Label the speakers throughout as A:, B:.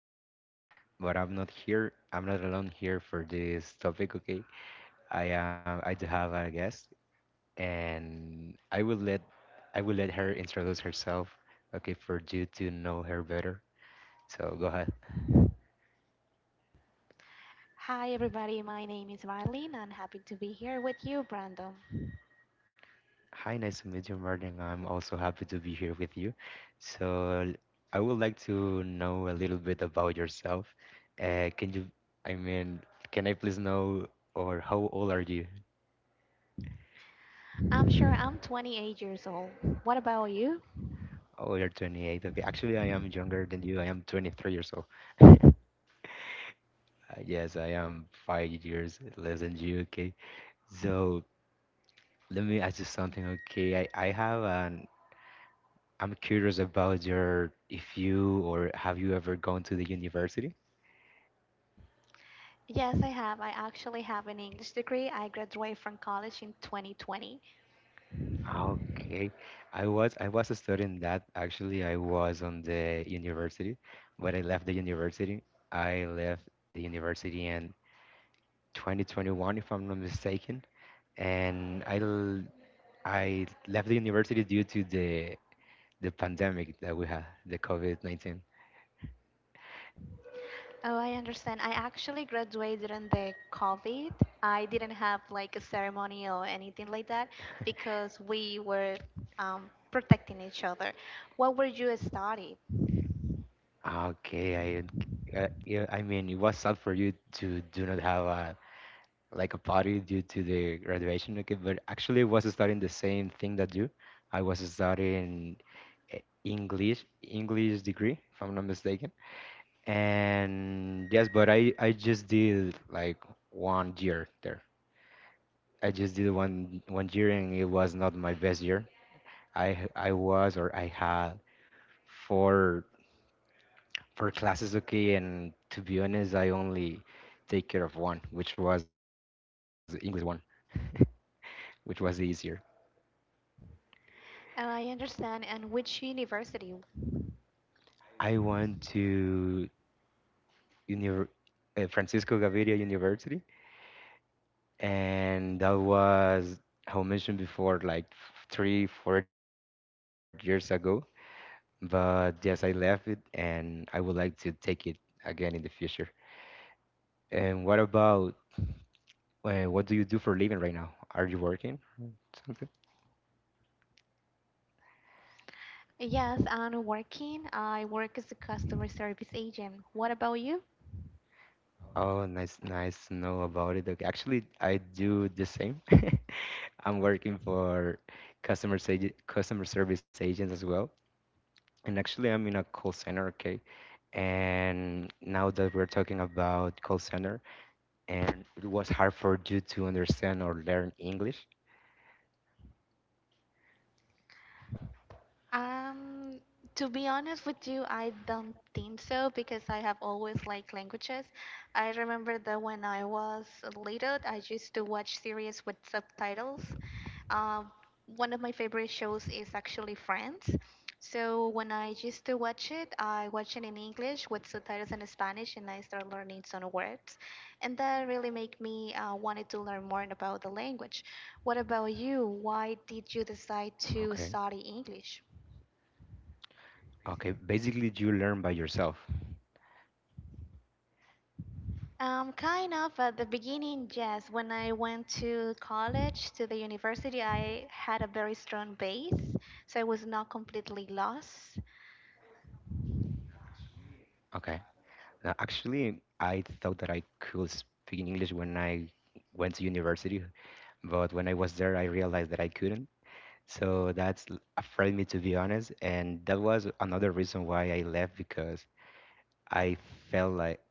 A: new friends, but I'm not here. I'm not alone here for this topic. Okay, I am. I do have a guest, and I will let her introduce herself, okay, for you to know her better. So go ahead.
B: Hi, everybody. My name is Marlene, and happy to be here with you, Brandon.
A: Hi, nice to meet you, Martin. I'm also happy to be here with you. So, I would like to know a little bit about yourself. Uh, can you, I mean, can I please know, or how old are you?
B: I'm sure I'm 28 years old. What about you?
A: Oh, you're 28. Okay, actually, I am younger than you. I am 23 years old. Yes, I am 5 years less than you. Okay, so let me ask you something. Okay, I'm curious about your, if you or have you ever gone to the university?
B: Yes, I have. I actually have an English degree. I graduated from college in 2020.
A: Okay. I was a student, that actually. I was on the university, but I left the university in 2021, if I'm not mistaken, and I left the university due to the pandemic that we had, the COVID-19.
B: Oh, I understand. I actually graduated during the COVID. I didn't have like a ceremony or anything like that because we were protecting each other. What were you studying?
A: Okay, I yeah, I mean, it was sad for you to do not have a like a party due to the graduation. Okay, but actually, I was studying the same thing that you. I was studying English degree, if I'm not mistaken. And yes, but I just did like one year there. I just did one year, and it was not my best year. I h- I was or I had four four classes, okay, and to be honest, I only take care of one, which was English one, which was the easier.
B: Oh, I understand. And which university?
A: I went to Univer Francisco Gaviria University, and that was, how I mentioned before, like 3 or 4 years ago. But yes, I left it, and I would like to take it again in the future. And what do you do for a living right now? Are you working?
B: Yes, I'm working. I work as a customer service agent. What about you?
A: Oh, nice, nice to know about it. Okay, actually, I do the same. I'm working for customer service agents as well. And actually, I'm in a call center, okay? And now that we're talking about call center, and it was hard for you to understand or learn English,
B: Um, to be honest with you, I don't think so because I have always liked languages. I remember that when I was little, I used to watch series with subtitles. Uh, One of my favorite shows is actually Friends. So when I used to watch it, I watch it in English with subtitles in Spanish, and I start learning some words, and that really make me wanted to learn more about the language. What about you? Why did you decide to study
A: okay?
B: English?
A: Okay, basically, you learn by yourself,
B: Kind of at the beginning, yes. When I went to college, to the university, I had a very strong base, so I was not completely lost.
A: okay? Now, actually, I thought that I could speak in English when I went to university, but when I was there, I realized that I couldn't. So that's afraid me, to be honest, and that was another reason why I left because I felt like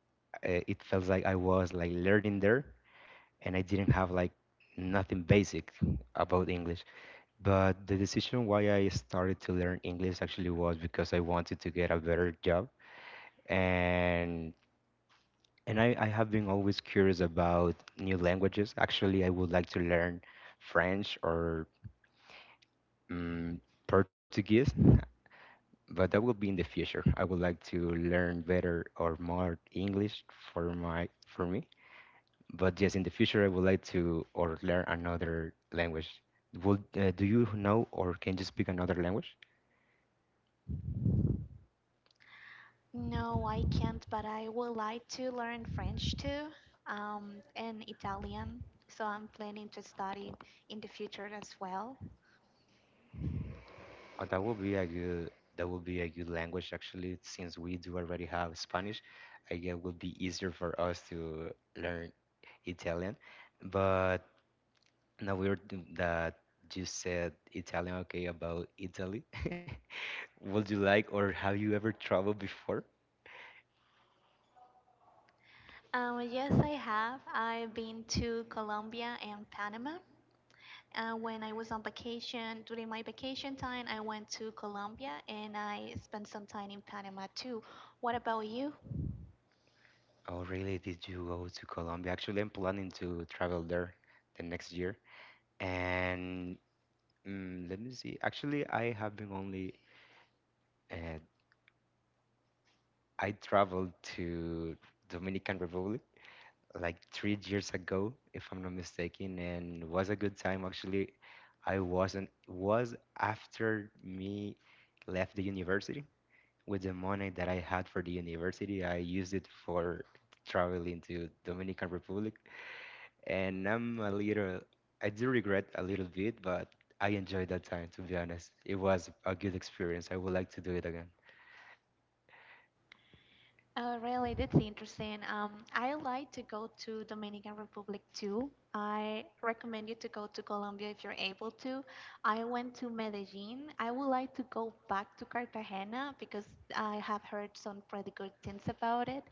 A: it felt like I was like learning there, and I didn't have like nothing basic about English. But the decision why I started to learn English actually was because I wanted to get a better job, and and I have been always curious about new languages. Actually, I would like to learn French or um, Portuguese, but that will be in the future. I would like to learn better or more English for me. But yes, in the future, I would like to or learn another language. Would do you know or can you speak another language?
B: No, I can't, but I would like to learn French too, and Italian. So I'm planning to study in the future as well.
A: Oh, that would be a good language, actually, since we do already have Spanish. I guess it would be easier for us to learn Italian. But now we're that you said Italian, okay, about Italy. Would you like or have you ever traveled before?
B: Yes, I have. I've been to Colombia and Panama. When I was on vacation, during my vacation time, I went to Colombia and I spent some time in Panama too. What about you?
A: Oh, really? Did you go to Colombia? Actually, I'm planning to travel there the next year. And let me see. Actually, I have been only uh, I traveled to Dominican Republic like 3 years ago, if I'm not mistaken, and was a good time. Actually, I wasn't was after me left the university with the money that I had for the university. I used it for traveling to Dominican Republic, and I'm a little, I do regret a little bit, but I enjoyed that time, to be honest. It was a good experience. I would like to do it again.
B: Oh, really? That's interesting. I like to go to Dominican Republic too. I recommend you to go to Colombia if you're able to. I went to Medellin. I would like to go back to Cartagena because I have heard some pretty good things about it.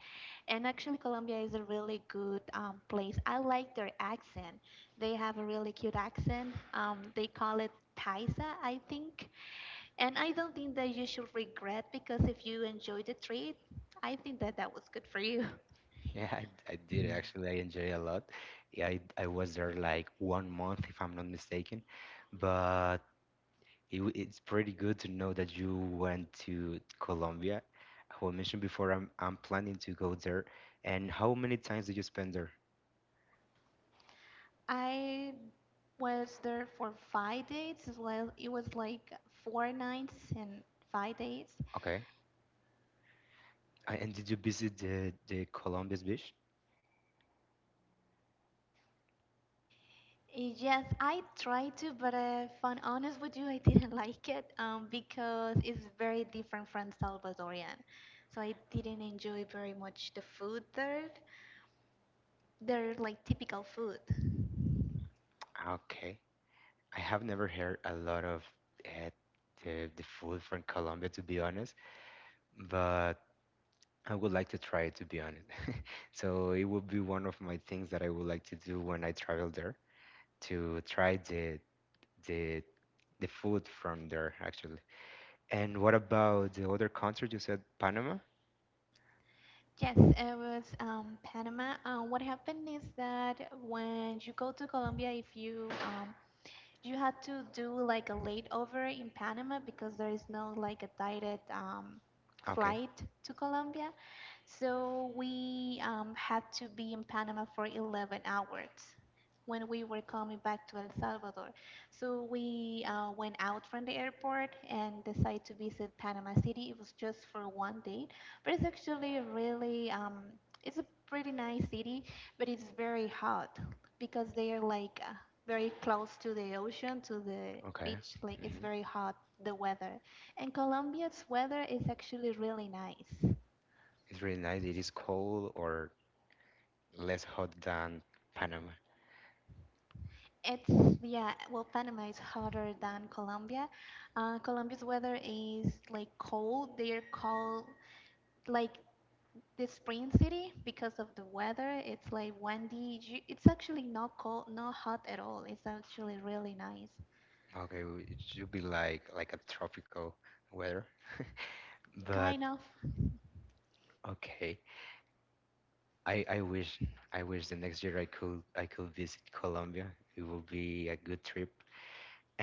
B: And actually, Colombia is a really good place. I like their accent. They have a really cute accent. They call it Paisa, I think. And I don't think that you should regret because if you enjoyed the trip, I think that that was good for you.
A: Yeah, I did actually. I enjoy a lot. Yeah, I was there like one month, if I'm not mistaken. But it, it's pretty good to know that you went to Colombia. Who I mentioned before, I'm planning to go there. And how many times did you spend there?
B: I was there for 5 days as well. It was like four nights and 5 days.
A: Okay. And did you visit the Columbus Beach?
B: Eh, yes, I tried to, but if I'm honest with you, I didn't like it because it's very different from Salvadorian. So I didn't enjoy very much the food there. They're like typical food.
A: Okay. I have never heard a lot of uh, the food from Colombia, to be honest, but I would like to try it, to be honest. So it would be one of my things that I would like to do when I travel there, to try the the food from there, actually. And what about the other country? You said Panama?
B: Yes, it was Panama. What happened is that when you go to Colombia, if you you had to do like a layover in Panama because there is no like a direct
A: Okay,
B: flight to Colombia. So we had to be in Panama for 11 hours when we were coming back to El Salvador. So we went out from the airport and decided to visit Panama City. It was just for 1 day, but it's actually really it's a pretty nice city, but it's very hot because they are like very close to the ocean, to the
A: okay.
B: beach. Like it's
A: Hmm.
B: very hot the weather, and Colombia's weather is actually really nice.
A: It's really nice. It is cold or less hot than Panama.
B: It's yeah, well, Panama is hotter than Colombia. Colombia's weather is like cold. They're called like the spring city because of the weather. It's like windy. It's actually not cold, not hot at all. It's actually really nice.
A: Okay, it should be like a tropical weather. But
B: Kind of.
A: okay. I, I wish I wish the next year I could visit Colombia. It will be a good trip.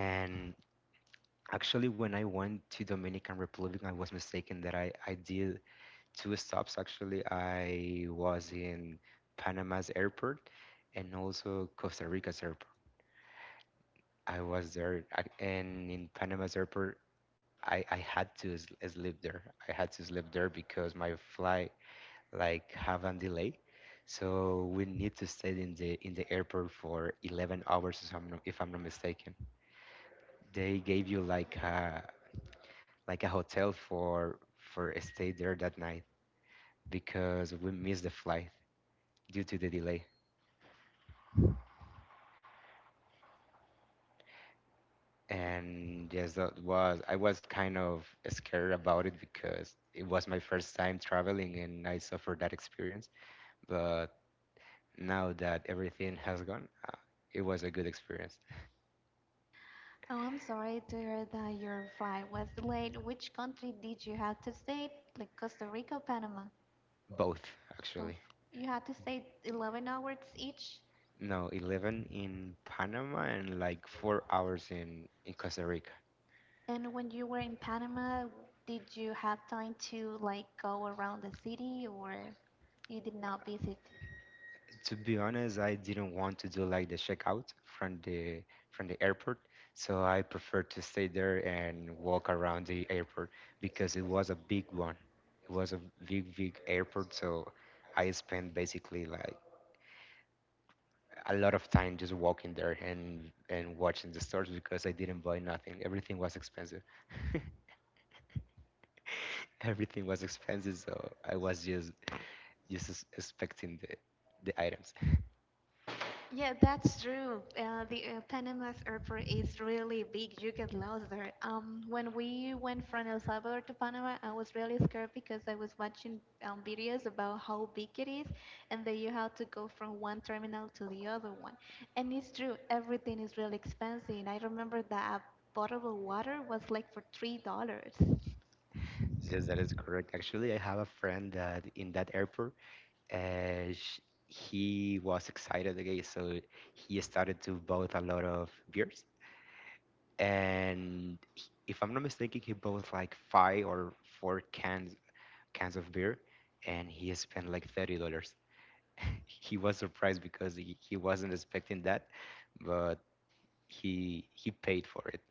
A: And actually, when I went to Dominican Republic, I was mistaken that I did two stops, actually. I was in Panama's airport and also Costa Rica's airport. I was there I, and in Panama's airport, I had to sleep there. Because my flight like have a delay. So we need to stay in the airport for 11 hours, if I'm not mistaken. They gave you like a hotel for stay there that night because we missed the flight due to the delay. And yes, that was I was kind of scared about it because it was my first time traveling and I suffered that experience. But now that everything has gone, it was a good experience.
B: Oh, I'm sorry to hear that your flight was delayed. Which country did you have to stay? Like Costa Rica, Panama,
A: Both,
B: both.
A: actually.
B: You had to stay 11 hours each.
A: No, 11 in Panama and like 4 hours in Costa Rica.
B: And when you were in Panama, did you have time to like go around the city or you did not visit?
A: To be honest, I didn't want to do like the checkout from the airport, so I preferred to stay there and walk around the airport because it was a big one. It was a big, big airport, so I spent basically like a lot of time just walking there and watching the stores because I didn't buy nothing. Everything was expensive. Everything was expensive, so I was just inspecting the items.
B: Yeah, that's true. The Panama's airport is really big. You get lost there. When we went from El Salvador to Panama, I was really scared because I was watching videos about how big it is, and that you have to go from one terminal to the other one. And it's true, everything is really expensive. I remember that a bottle of water was like for $3.
A: Yes, that is correct. Actually, I have a friend that in that airport, sh he was excited again, so he started to bought a lot of beers. And if I'm not mistaken, he bought like five or four cans of beer, and he spent like $30. He was surprised because he wasn't expecting that, but he paid for it.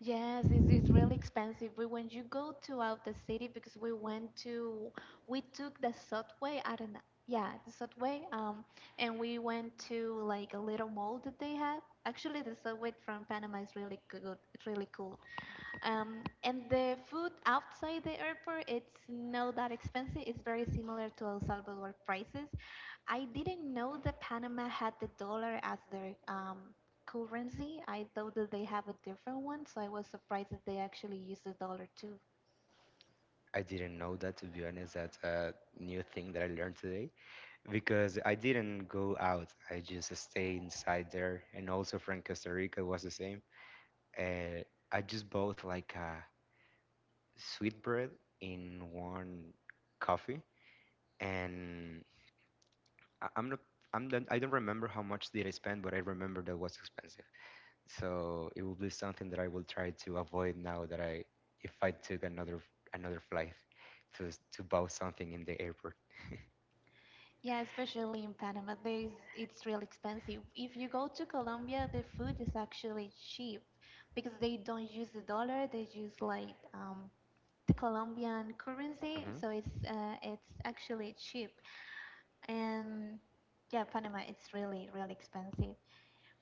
B: Yes, it's really expensive. But when you go to out the city, because we went to, we took the subway. I don't know. Yeah, the subway. And we went to like a little mall that they have. Actually, the subway from Panama is really good. It's really cool. And the food outside the airport, it's not that expensive. It's very similar to El Salvador prices. I didn't know that Panama had the dollar as their currency. I thought that they have a different one, so I was surprised that they actually use the dollar too.
A: I didn't know that, to be honest. That's a new thing that I learned today because I didn't go out. I just stay inside there, and also from Costa Rica was the same. Uh, I just bought like a sweet bread in one coffee, and I, I'm not. I'm not, I don't remember how much did I spend, but I remember that was expensive. So it will be something that I will try to avoid now that I, if I took another flight, to buy something in the airport.
B: Yeah, especially in Panama, it's real expensive. If you go to Colombia, the food is actually cheap because they don't use the dollar. They use like the Colombian currency,
A: Mhm.
B: so it's actually cheap. And yeah, Panama it's really really expensive.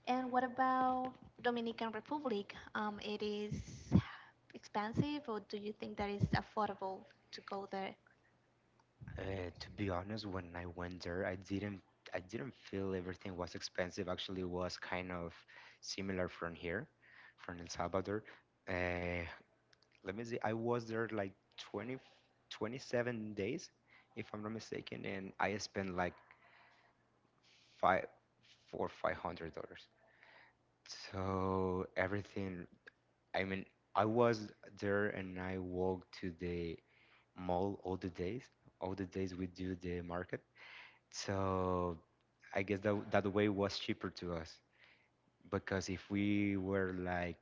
B: And what about Dominican Republic? It is expensive, or do you think that is affordable to go there?
A: To be honest, when I went there, I didn't feel everything was expensive. Actually, it was kind of similar from here, from El Salvador. Uh, Let me see. I was there like 27 days, if I'm not mistaken, and I spent like five, $500. So everything, I mean, I was there and I walked to the mall all the days. All the days we do the market. So I guess that that way was cheaper to us because if we were like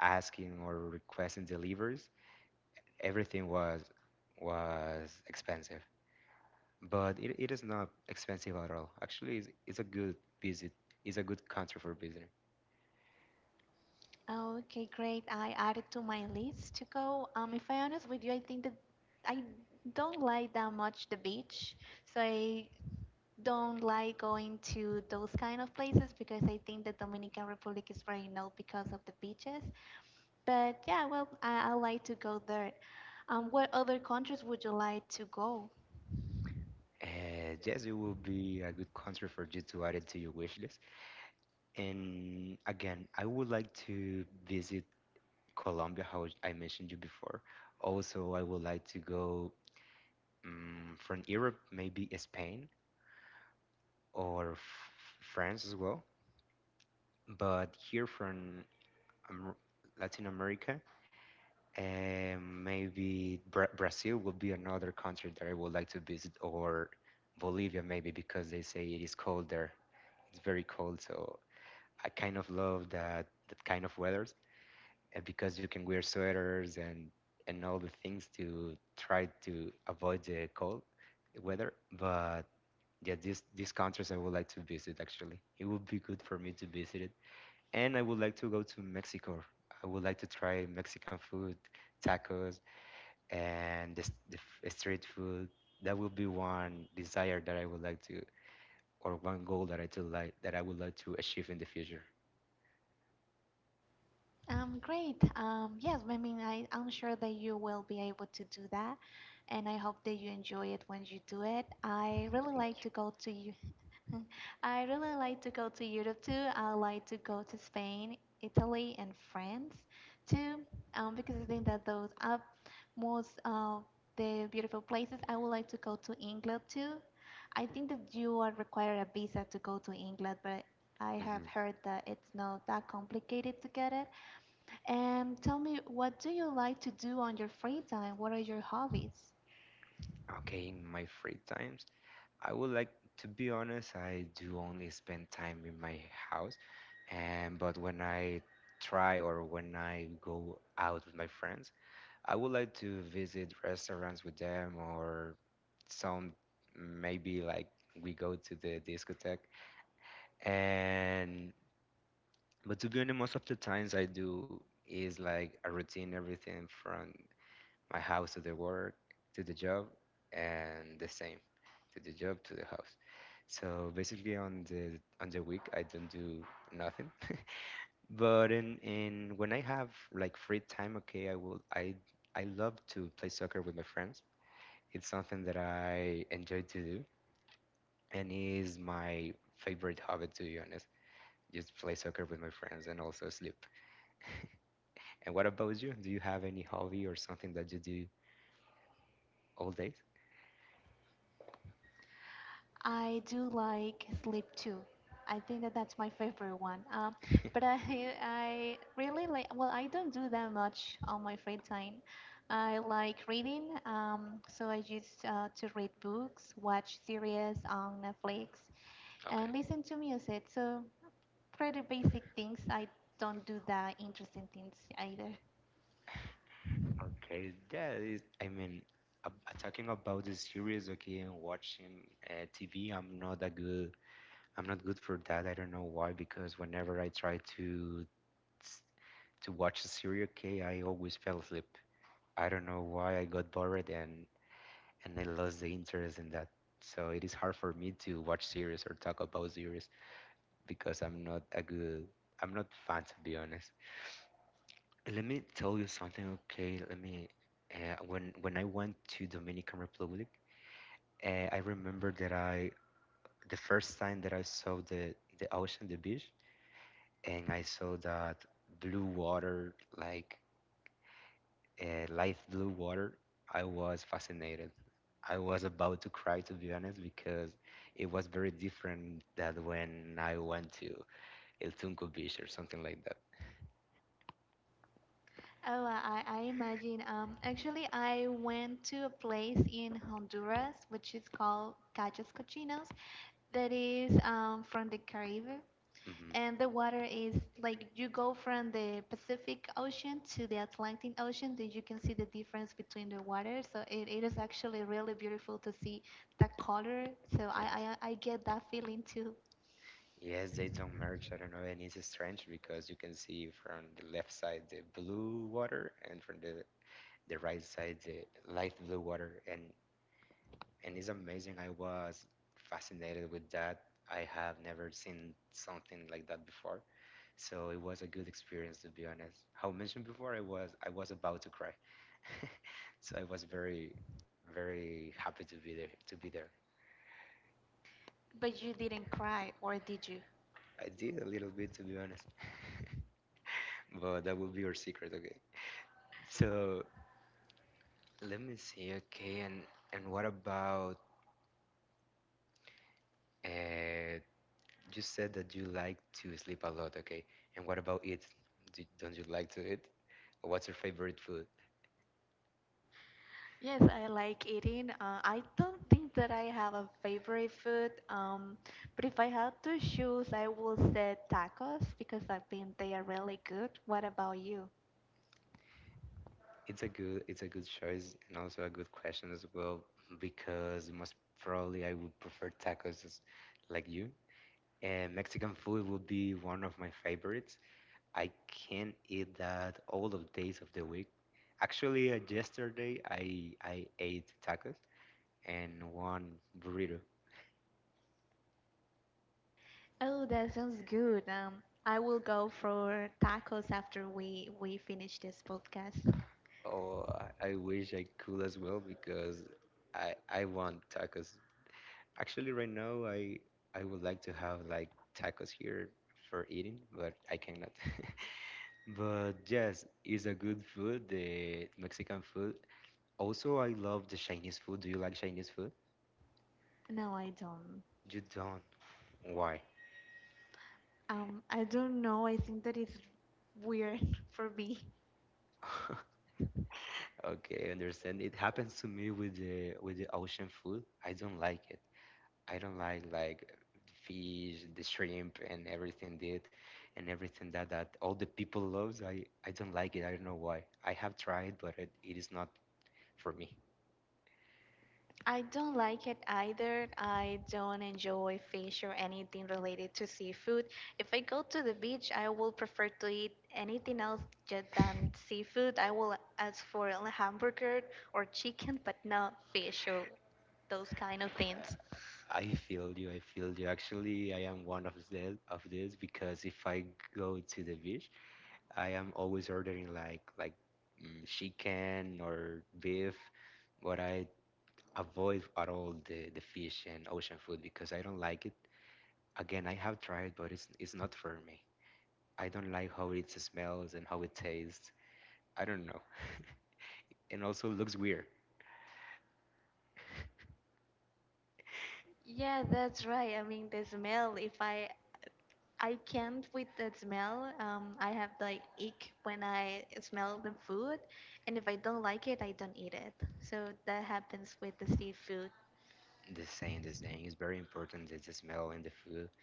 A: asking or requesting deliveries, everything was expensive. But it is not expensive at all. Actually, it's a good visit. It's a good country for visiting.
B: Okay, great. I added to my list to go. If I'm honest with you, I think that I don't like that much the beach, so I don't like going to those kind of places because I think the Dominican Republic is very known because of the beaches. But yeah, well, I like to go there. What other countries would you like to go?
A: Yes, it will be a good country for you to add it to your wish list. And again, I would like to visit Colombia, how I mentioned you before. Also, I would like to go from Europe, maybe Spain. Or France as well. But here from Am- Latin America, and maybe Brazil would be another country that I would like to visit, or Bolivia maybe because they say it is cold there. It's very cold, so I kind of love that kind of weather, and because you can wear sweaters and all the things to try to avoid the cold weather. But yeah, these countries I would like to visit, actually. It would be good for me to visit it. And I would like to go to Mexico. I would like to try Mexican food, tacos, and the street food. That would be one desire that I would like to, or one goal that I would like to achieve in the future.
B: Great. Yes, I mean, I'm sure that you will be able to do that, and I hope that you enjoy it when you do it. I really like
A: Thank
B: to go to Mm. I really like to go to Europe too. I like to go to Spain, Italy, and France too, because I think that those are most of the beautiful places. I would like to go to England too. I think that you are required a visa to go to England, but I
A: you. Hmm.
B: have heard that it's not that complicated to get it. And tell me, what do you like to do on your free time? What are your hobbies?
A: Okay, in my free times, I would like to be honest. I do only spend time in my house, and but when I try, or when I go out with my friends, I would like to visit restaurants with them, or sound maybe like we go to the discotheque. And but to be honest, most of the times I do is like a routine, everything from my house to the work, to the job, and the same, to the job to the house. So basically on the week I don't do nothing. But in when I have like free time, okay, I will I love to play soccer with my friends. It's something that I enjoy to do, and it is my favorite hobby, to be honest. Just play soccer with my friends and also sleep. And what about you? Do you have any hobby or something that you do all day?
B: I do like sleep too. I think that that's my favorite one. But I really like. Well, I don't do that much on my free time. I like reading. So I just to read books, watch series on Netflix,
A: Okay.
B: and listen to music. So pretty basic things. I don't do that interesting things either.
A: Okay, that is, I mean, talking about the series, okay, and watching TV, I'm not that good. I'm not good for that. I don't know why, because whenever I try s- to watch a series, okay, I always fell asleep. I don't know why I got bored and I lost the interest in that. So it is hard for me to watch series or talk about series because I'm not fan, to be honest. Let me tell you something, okay? Let me. When I went to Dominican Republic, I remember that I the first time that I saw the ocean, the beach, and I saw that blue water, like light blue water, I was fascinated. I was about to cry, to be honest, because it was very different that when I went to El Tunco Beach or something like that.
B: Oh, I imagine. Actually, I went to a place in Honduras which is called Cachos Cochinos, that is from the Caribbean.
A: Hmm.
B: And the water is like you go from the Pacific Ocean to the Atlantic Ocean, then you can see the difference between the water. So it is actually really beautiful to see the color. So
A: Yes.
B: I get that feeling too.
A: Yes, they don't merge. I don't know, and it's strange because you can see from the left side the blue water and from the right side the light blue water, and it's amazing. I was fascinated with that. I have never seen something like that before. So it was a good experience, to be honest. How mentioned before, I was about to cry, so I was very, very happy to be there. To be there,
B: But you didn't cry, or did you?
A: I did a little bit, to be honest, but that will be your secret, okay? So let me see. Okay, and what about? Uh, you said that you like to sleep a lot, okay? And what about eat? Don't you like to eat? What's your favorite food?
B: Yes, I like eating. I don't think that I have a favorite food, but if I had to choose, I will say tacos because I think they are really good. What about you?
A: It's a good choice, and also a good question as well, because most probably I would prefer tacos as, like you. And Mexican food would be one of my favorites. I can eat that all the days of the week. Actually, yesterday I ate tacos and one burrito.
B: Oh, that sounds good. I will go for tacos after we finish this podcast.
A: Oh, I wish I could as well, because I want tacos. Actually, right now, I would like to have like tacos here for eating, but I cannot. But yes, it's a good food, the Mexican food. Also, I love the Chinese food. Do you like Chinese food?
B: No, I don't.
A: You don't. Why?
B: I don't know. I think that is weird for me.
A: Okay, I understand. It happens to me with the ocean food. I don't like it. I don't like fish, the shrimp, and everything did, and everything that all the people loves. I don't like it. I don't know why. I have tried, but it is not for me.
B: I don't like it either. I don't enjoy fish or anything related to seafood. If I go to the beach, I will prefer to eat anything else than seafood. I will ask for a hamburger or chicken, but not fish or those kind of
A: Uh,
B: things.
A: I feel you. I feel you. Actually, I am one of this, because if I go to the beach, I am always ordering like chicken or beef, but I avoid at all the fish and ocean food, because I don't like it. Again, I have tried, but it's not for me. I don't like how it smells and how it tastes. I don't know. And also looks weird.
B: Yeah, that's right. I mean, the smell, if I can't with the smell. I have the ick when I smell the food, and if I don't like it, I don't eat it. So that happens with the seafood.
A: The same, the same. It's very important that the smell in the food,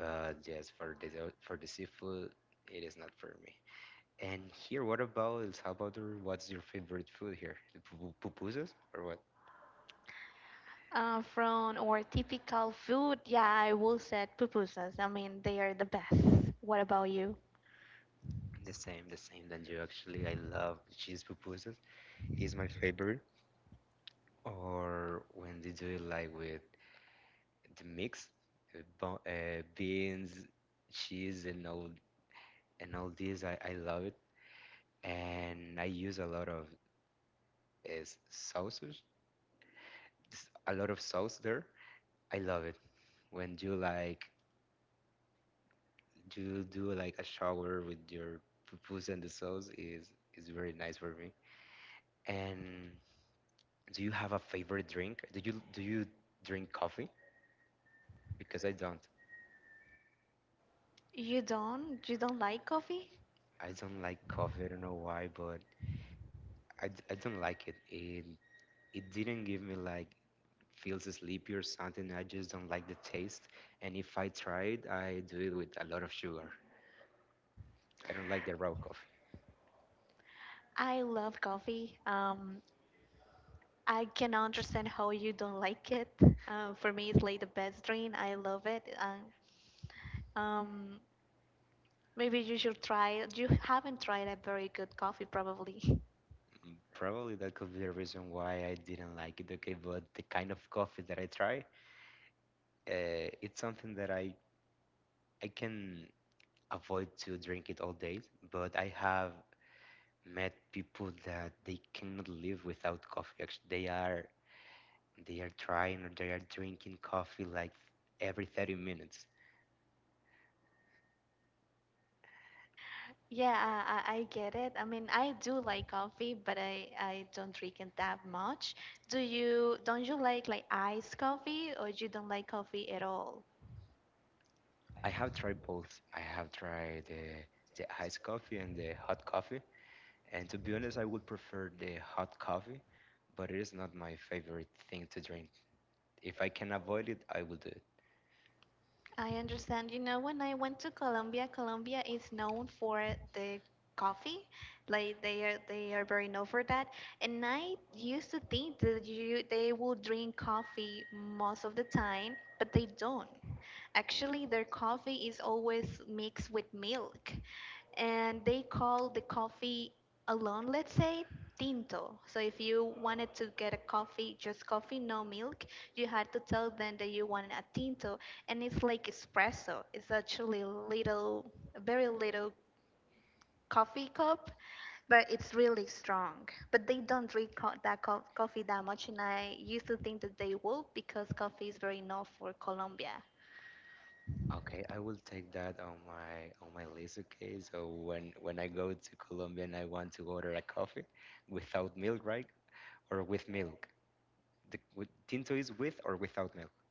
A: but yes, for the seafood, it is not for me. And here, what about El Salvador? What's your favorite food here? The pupusas or what?
B: From our typical food, yeah, I will say pupusas. I mean, they are the best. What about you?
A: The same than you, actually. I love cheese pupusas. Is my favorite. Or when they do it like with the mix, beans, cheese, and all this. I love it, and I use is sauces, a lot of sauce there. I love it when you like you do like a shower with your pupus, and the sauce is very nice for me. And do you have a favorite drink? Do you drink coffee? Because I don't.
B: You don't? You don't like coffee?
A: I don't like coffee. I don't know why, but I don't like it. It didn't give me like feels sleepy or something. I just don't like the taste. And if I try it, I do it with a lot of sugar. I don't like the raw coffee.
B: I love coffee. I can understand how you don't like it. For me, it's like the best drink. I love it. Um, Maybe you should try it. You haven't tried a very good coffee, probably.
A: Probably that could be the reason why I didn't like it. Okay, but the kind of coffee that I try, it's something that I can avoid to drink it all day. But I have met people that they cannot live without coffee. Actually, they are trying, or they are drinking coffee like every 30 minutes.
B: Yeah, I get it. I mean, I do like coffee, but I don't drink it that much. Do you, don't you like iced coffee or you don't like coffee at all?
A: I have tried both. I have tried the iced coffee and the hot coffee. And to be honest, I would prefer the hot coffee, but it is not my favorite thing to drink. If I can avoid it, I will do it.
B: I understand. You know, when I went to Colombia, Colombia is known for the coffee. Like they are very known for that. And I used to think that you they will drink coffee most of the time, but they don't. Actually, their coffee is always mixed with milk, and they call the coffee alone, let's say, tinto. So if you wanted to get a coffee, just coffee, no milk, you had to tell them that you wanted a tinto, and it's like espresso. It's actually little, very little coffee cup, but it's really strong. But they don't drink coffee that much, and I used to think that they would because coffee is very known for Colombia.
A: Okay, I will take that on my list. Okay, so when I go to Colombia and I want to order a coffee without milk, right? Or with milk? The tinto is with or without milk?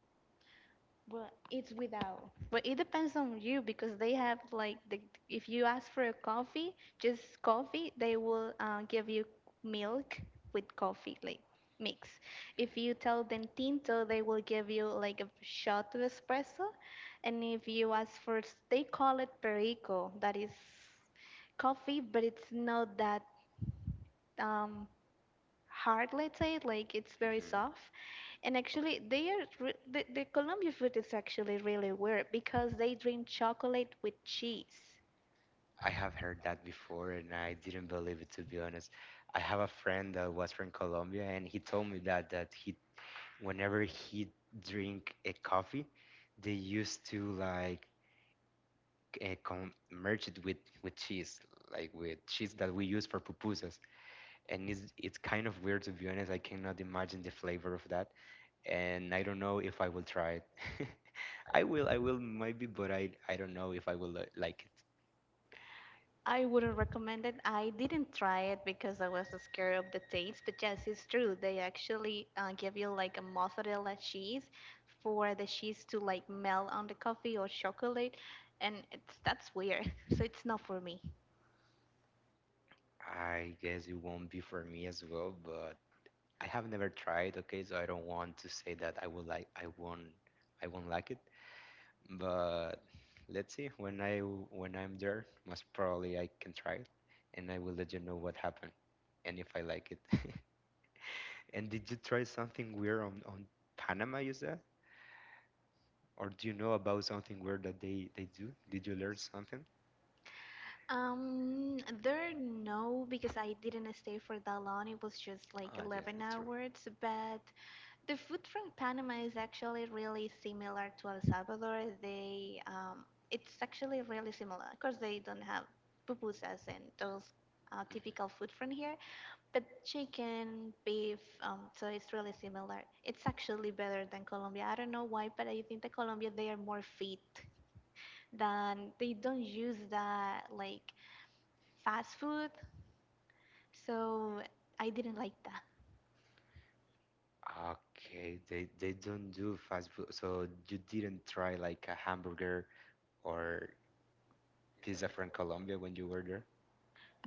B: Well, it's without. But it depends on you because they have like the if you ask for a coffee, just coffee, they will give you milk with coffee like mix. If you tell them tinto, they will give you like a shot of espresso. And if you ask for, they call it perico. That is coffee, but it's not that um, hard. Let's say like it's very soft.
A: Hmm.
B: And actually,
A: Okay.
B: they are re- the Colombia food is actually really weird because they drink chocolate with cheese.
A: I have heard that before, and I didn't believe it, to be honest. I have a friend that was from Colombia, and he told me that he, whenever he drink a coffee, they used to like merge it with cheese, like with cheese that we use for pupusas. And it's kind of weird, to be honest. I cannot imagine the flavor of that, and I don't know if I will try it. I will maybe, but I don't know if I will like it.
B: I wouldn't recommend it. I didn't try it because I was scared of the taste. But yes, it's true. They actually give you like a mozzarella cheese for the cheese to like melt on the coffee or chocolate, and it's that's weird. So it's not for me.
A: I guess it won't be for me as well, but I have never tried, okay, so I don't want to say that I would like I won't like it. But let's see when I'm there, most probably I can try it and I will let you know what happened and if I like it. And did you try something weird on Panama, you said? Or do you know about something weird that they do? Did you learn something?
B: There no because I didn't stay for that long. It was just like
A: Ah,
B: 11
A: yes, that's true.
B: hours, but the food from Panama is actually really similar to El Salvador. It's actually really similar. Of course, they don't have pupusas and those typical food from here, but chicken, beef, so it's really similar. It's actually better than Colombia. I don't know why, but I think that Colombia they are more fit than they don't use that like fast food. So I didn't like that.
A: Okay, they don't do fast food. So you didn't try like a hamburger or pizza from Colombia when you were there?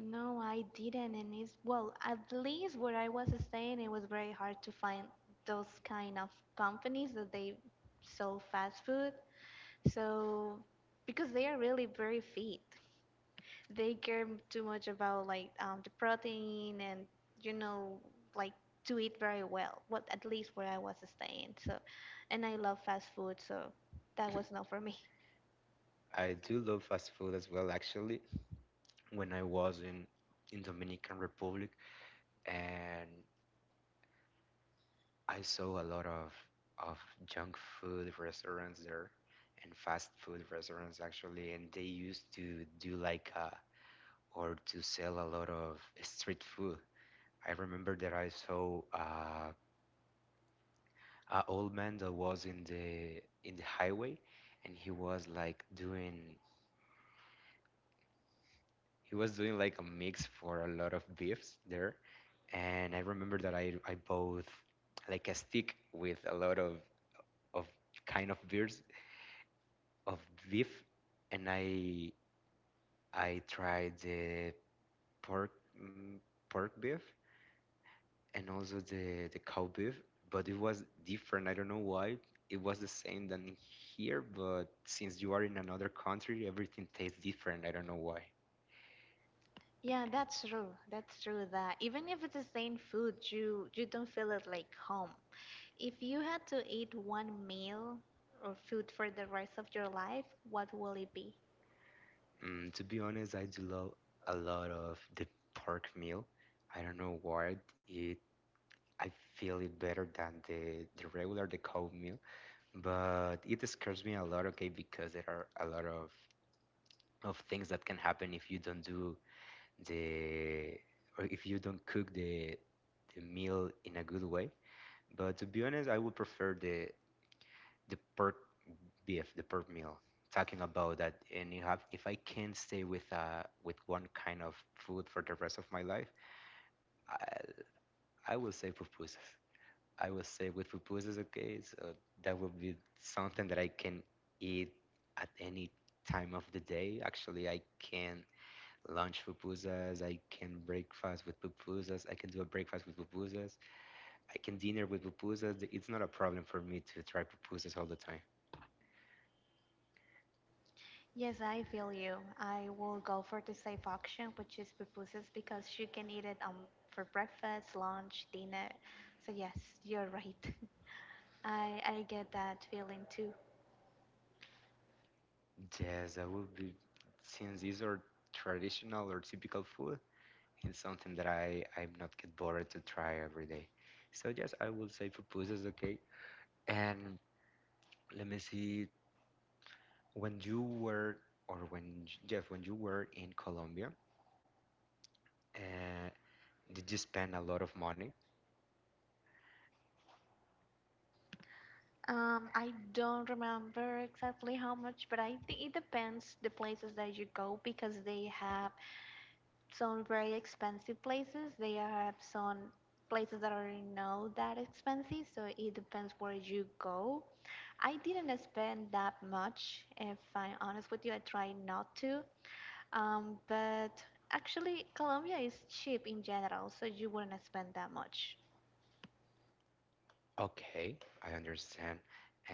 B: No, I didn't, and it's well, at least where I was staying, it was very hard to find those kind of companies that they sell fast food. So, because they are really very fit, they care too much about like the protein and you know like to eat very well. What at least where I was staying. So, and I love fast food, so that was not for me.
A: I do love fast food as well, actually. When I was in Dominican Republic, and I saw a lot of junk food restaurants there, and fast food restaurants actually, and they used to do like or to sell a lot of street food. I remember that I saw a old man that was in the highway, and he was like doing he was doing like a mix for a lot of beefs there. And I remember that I bought like a stick with a lot of kind of beers of beef, and I tried the pork mm, pork beef, and also the cow beef, but it was different. I don't know why. It was the same than here, but since you are in another country, everything tastes different. I don't know why.
B: Yeah, that's true. That's true that even if it's the same food, you don't feel it like home. If you had to eat one meal or food for the rest of your life, what will it be?
A: To be honest, I do love a lot of the pork meal. I don't know why it. I feel it better than the regular the cow meal, but it scares me a lot. Okay, because there are a lot of things that can happen the if you don't cook the meal in a good way. But to be honest, I would prefer the pork beef, the pork meal. Talking about that, and you have if I can stay with with one kind of food for the rest of my life, I I will say pupusas. I will say with pupusas, okay, so that will be something that I can eat at any time of the day. Actually, I can lunch pupusas. I can breakfast with pupusas. I can do a breakfast with pupusas. I can dinner with pupusas. It's not a problem for me to try pupusas all the time.
B: Yes, I feel you. I will go for the safe option, which is pupusas, because you can eat it for breakfast, lunch, dinner. So yes, you're right. I get that feeling too.
A: Yes, that would be since these are traditional or typical food. It's something that I'm not get bored to try every day. So yes, I will say pupusas. Okay, and let me see when you were or when yes when you were in Colombia. Uh, did you spend a lot of money?
B: I don't remember exactly how much, but I think it depends the places that you go because they have some very expensive places. They have some places that are not that expensive, so it depends where you go. I didn't spend that much, if I'm honest with you. I try not to. But actually, Colombia is cheap in general, so you wouldn't spend that much.
A: Okay, I understand,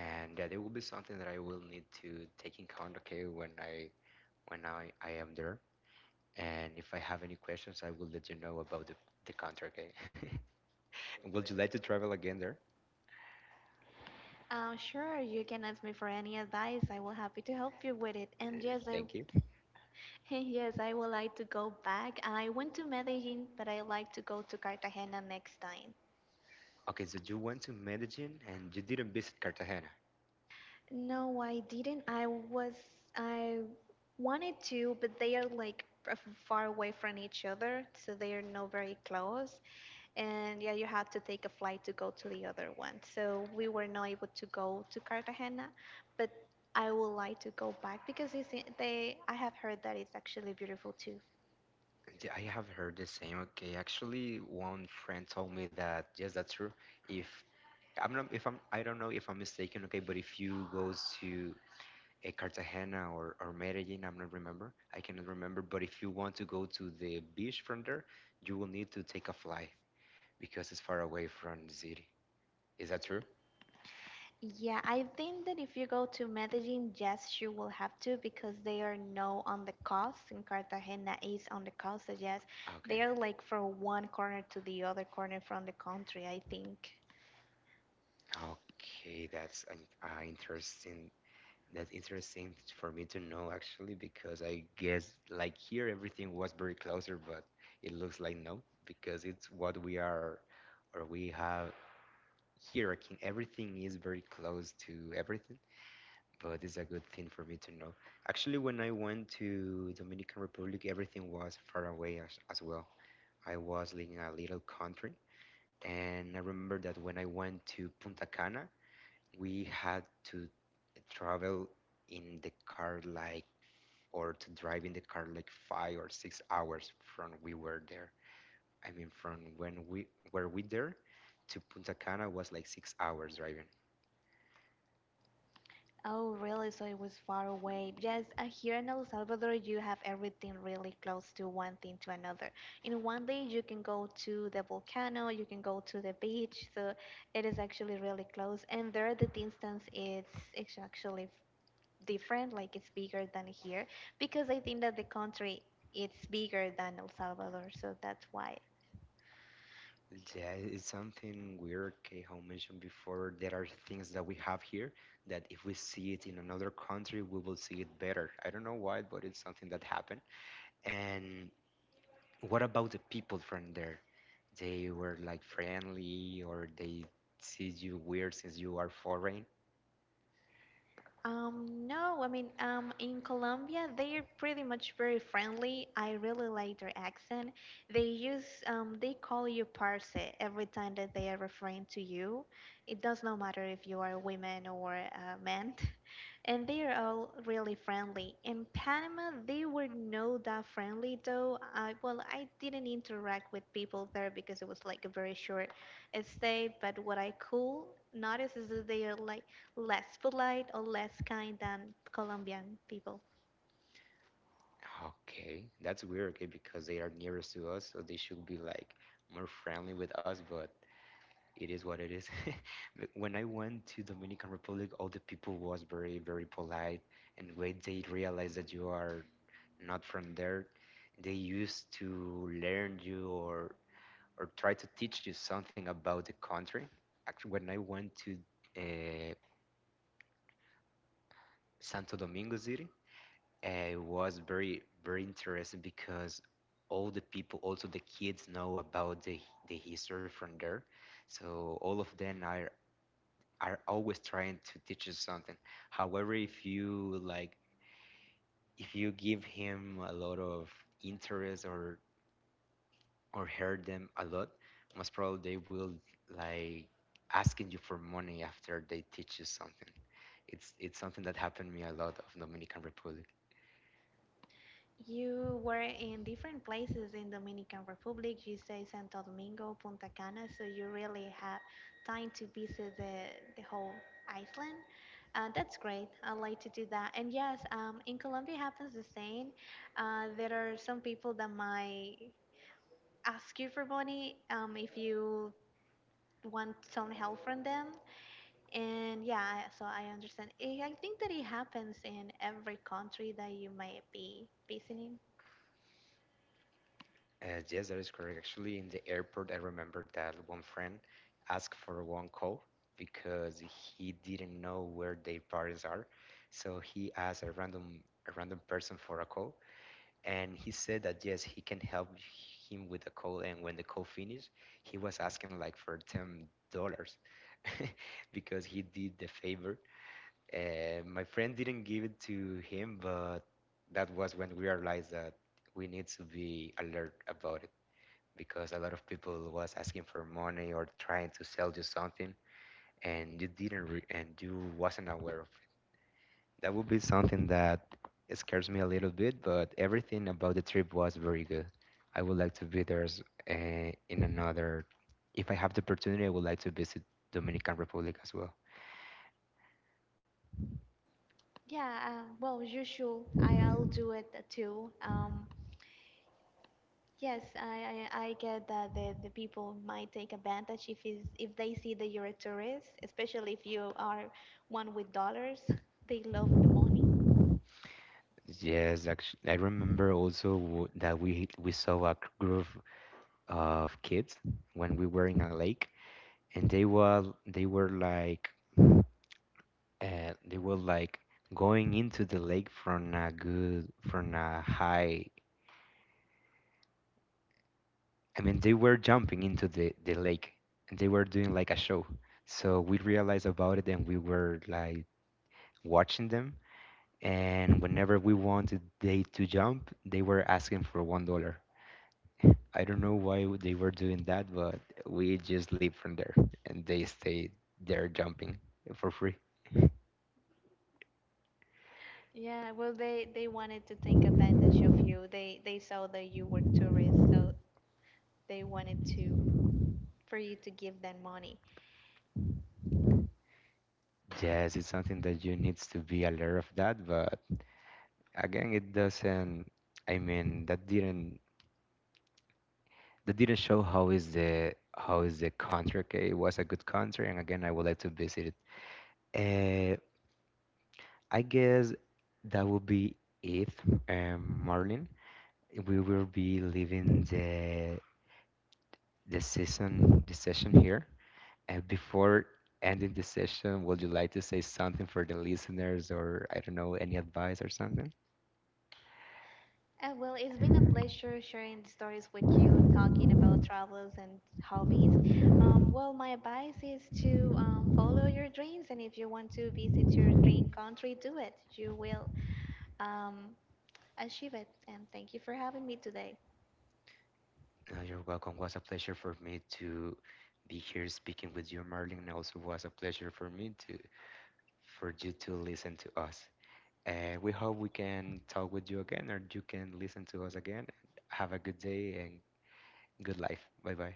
A: and that it will be something that I will need to take in count. Okay, when I when I am there, and if I have any questions, I will let you know about the contract. Okay, and would you like to travel again there?
B: Sure, you can ask me for any advice. I will happy to help you with it. And
A: Uh,
B: yes, I
A: Thank you.
B: yes, I would like to go back. I went to Medellin, but I like to go to Cartagena next time.
A: Okay, so you went to Medellin and you didn't visit Cartagena.
B: No, I didn't. I wanted to, but they are like f- far away from each other, so they are not very close. And yeah, you had to take a flight to go to the other one. So we were not able to go to Cartagena, but I would like to go back because they I have heard that it's actually beautiful too.
A: I have heard the same. Okay, actually, one friend told me that yes, that's true. If I'm not, if I'm, I don't know if I'm mistaken. Okay, but if you go to a Cartagena or Medellin, I'm not remember. I cannot remember. But if you want to go to the beach from there, you will need to take a flight because it's far away from the city. Is that true?
B: Yeah, I think that if you go to Medellin, yes, you will have to because they are no on the coast and Cartagena is on the coast. So yes, they
A: Okay.
B: are like from one corner to the other corner from the country, I think.
A: Okay, that's interesting. That's interesting for me to know actually because I guess like here everything was very closer, but it looks like no because it's what we are or we have here. I can, everything is very close to everything, but it's a good thing for me to know. Actually, when I went to Dominican Republic, everything was far away as well. I was living in a little country, and I remember that when I went to Punta Cana, we had to travel in the car like or to drive in the car like 5 or 6 hours from we were there. I mean, from when we there to Punta Cana was like 6 hours driving.
B: Oh, really? So it was far away. Yes, here in El Salvador, you have everything really close to one thing to another. In one day, you can go to the volcano, you can go to the beach. So it is actually really close. And there, the distance is it's actually different like it's bigger than here because I think that the country it's bigger than El Salvador, so that's why.
A: Yeah, it's something weird. Keho mentioned before there are things that we have here that if we see it in another country, we will see it better. I don't know why, but it's something that happened. And what about the people from there? They were like friendly or they see you weird since you are foreign?
B: No, I mean, In Colombia, they're pretty much very friendly. I really like their accent. They use, they call you parce every time that they are referring to you. It does not matter if you are a woman or a man. And they are all really friendly. In Panama, they were not that friendly though. Well, I didn't interact with people there because it was like a very short stay, but what I could notice is that they are like, less polite or less kind than Colombian people.
A: Okay, that's weird, okay, because they are nearest to us, so they should be like more friendly with us, but it is what it is. But when I went to Dominican Republic, all the people was very very polite, and when they realize that you are not from there, they used to learn you or try to teach you something about the country. Actually, when I went to uh, Santo Domingo City, it was very very interesting because all the people, also the kids, know about the history from there. So all of them are always trying to teach us something. However, if you like, if you give him a lot of interest or hurt them a lot, most probably they will like asking you for money after they teach you something. It's something that happened me a lot of Dominican Republic.
B: You were in different places in Dominican Republic. You say Santo Domingo, Punta Cana, so you really had time to visit the whole island. That's great. I like to do that. And yes, in Colombia it happens the same. There are some people that might ask you for money if you want some help from them. And yeah, so I understand. I think that it happens in every country that you might be visiting.
A: Yes, that is correct. Actually, in the airport, I remember that one friend asked for one call because he didn't know where their parents are, so he asked a random person for a call and he said that yes, he can help him with the call. And when the call finished, he was asking like for $10 because he did the favor. My friend didn't give it to him, but that was when we realized that we need to be alert about it because a lot of people was asking for money or trying to sell you something and you didn't and you wasn't aware of that would be something that scares me a little bit, but everything about the trip was very good. I would like to be there in another. If I have the opportunity, I would like to visit Dominican Republic as well.
B: Yeah, well, as usual, I'll do it too. Yes, I get that the people might take advantage if is if they see that you're a tourist, especially if you are one with dollars. They love the money.
A: Yes, actually, I remember also that we saw a group of kids when we were in a lake, and they were like they were like going into the lake from a high I mean, they were jumping into the lake and they were doing like a show. So we realized about it and we were like watching them. And whenever we wanted they to jump, they were asking for $1. I don't know why they were doing that, but we just leave from there and they stay there jumping for free.
B: Yeah, well, they wanted to take advantage of you. They saw that you were tourists, so they wanted to for you to give them money.
A: Yes, it's something that you needs to be aware of that, but again, it doesn't. I mean, that didn't They didn't show how is the country. Okay, it was a good country, and again, I would like to visit it. Uh, I guess that would be it, Marlin. We will be leaving the session here. And before ending the session, would you like to say something for the listeners, or I don't know, any advice or something?
B: Well, it's been a pleasure sharing the stories with you, talking about travels and hobbies. Well, my advice is to follow your dreams, and if you want to visit your dream country, do it. You will um, achieve it. And thank you for having me today.
A: No, you're welcome. Was a pleasure for me to be here speaking with you, Marlin. And also was a pleasure for me to for you to listen to us. We hope we can talk with you again or you can listen to us again. Have a good day and good life. Bye bye.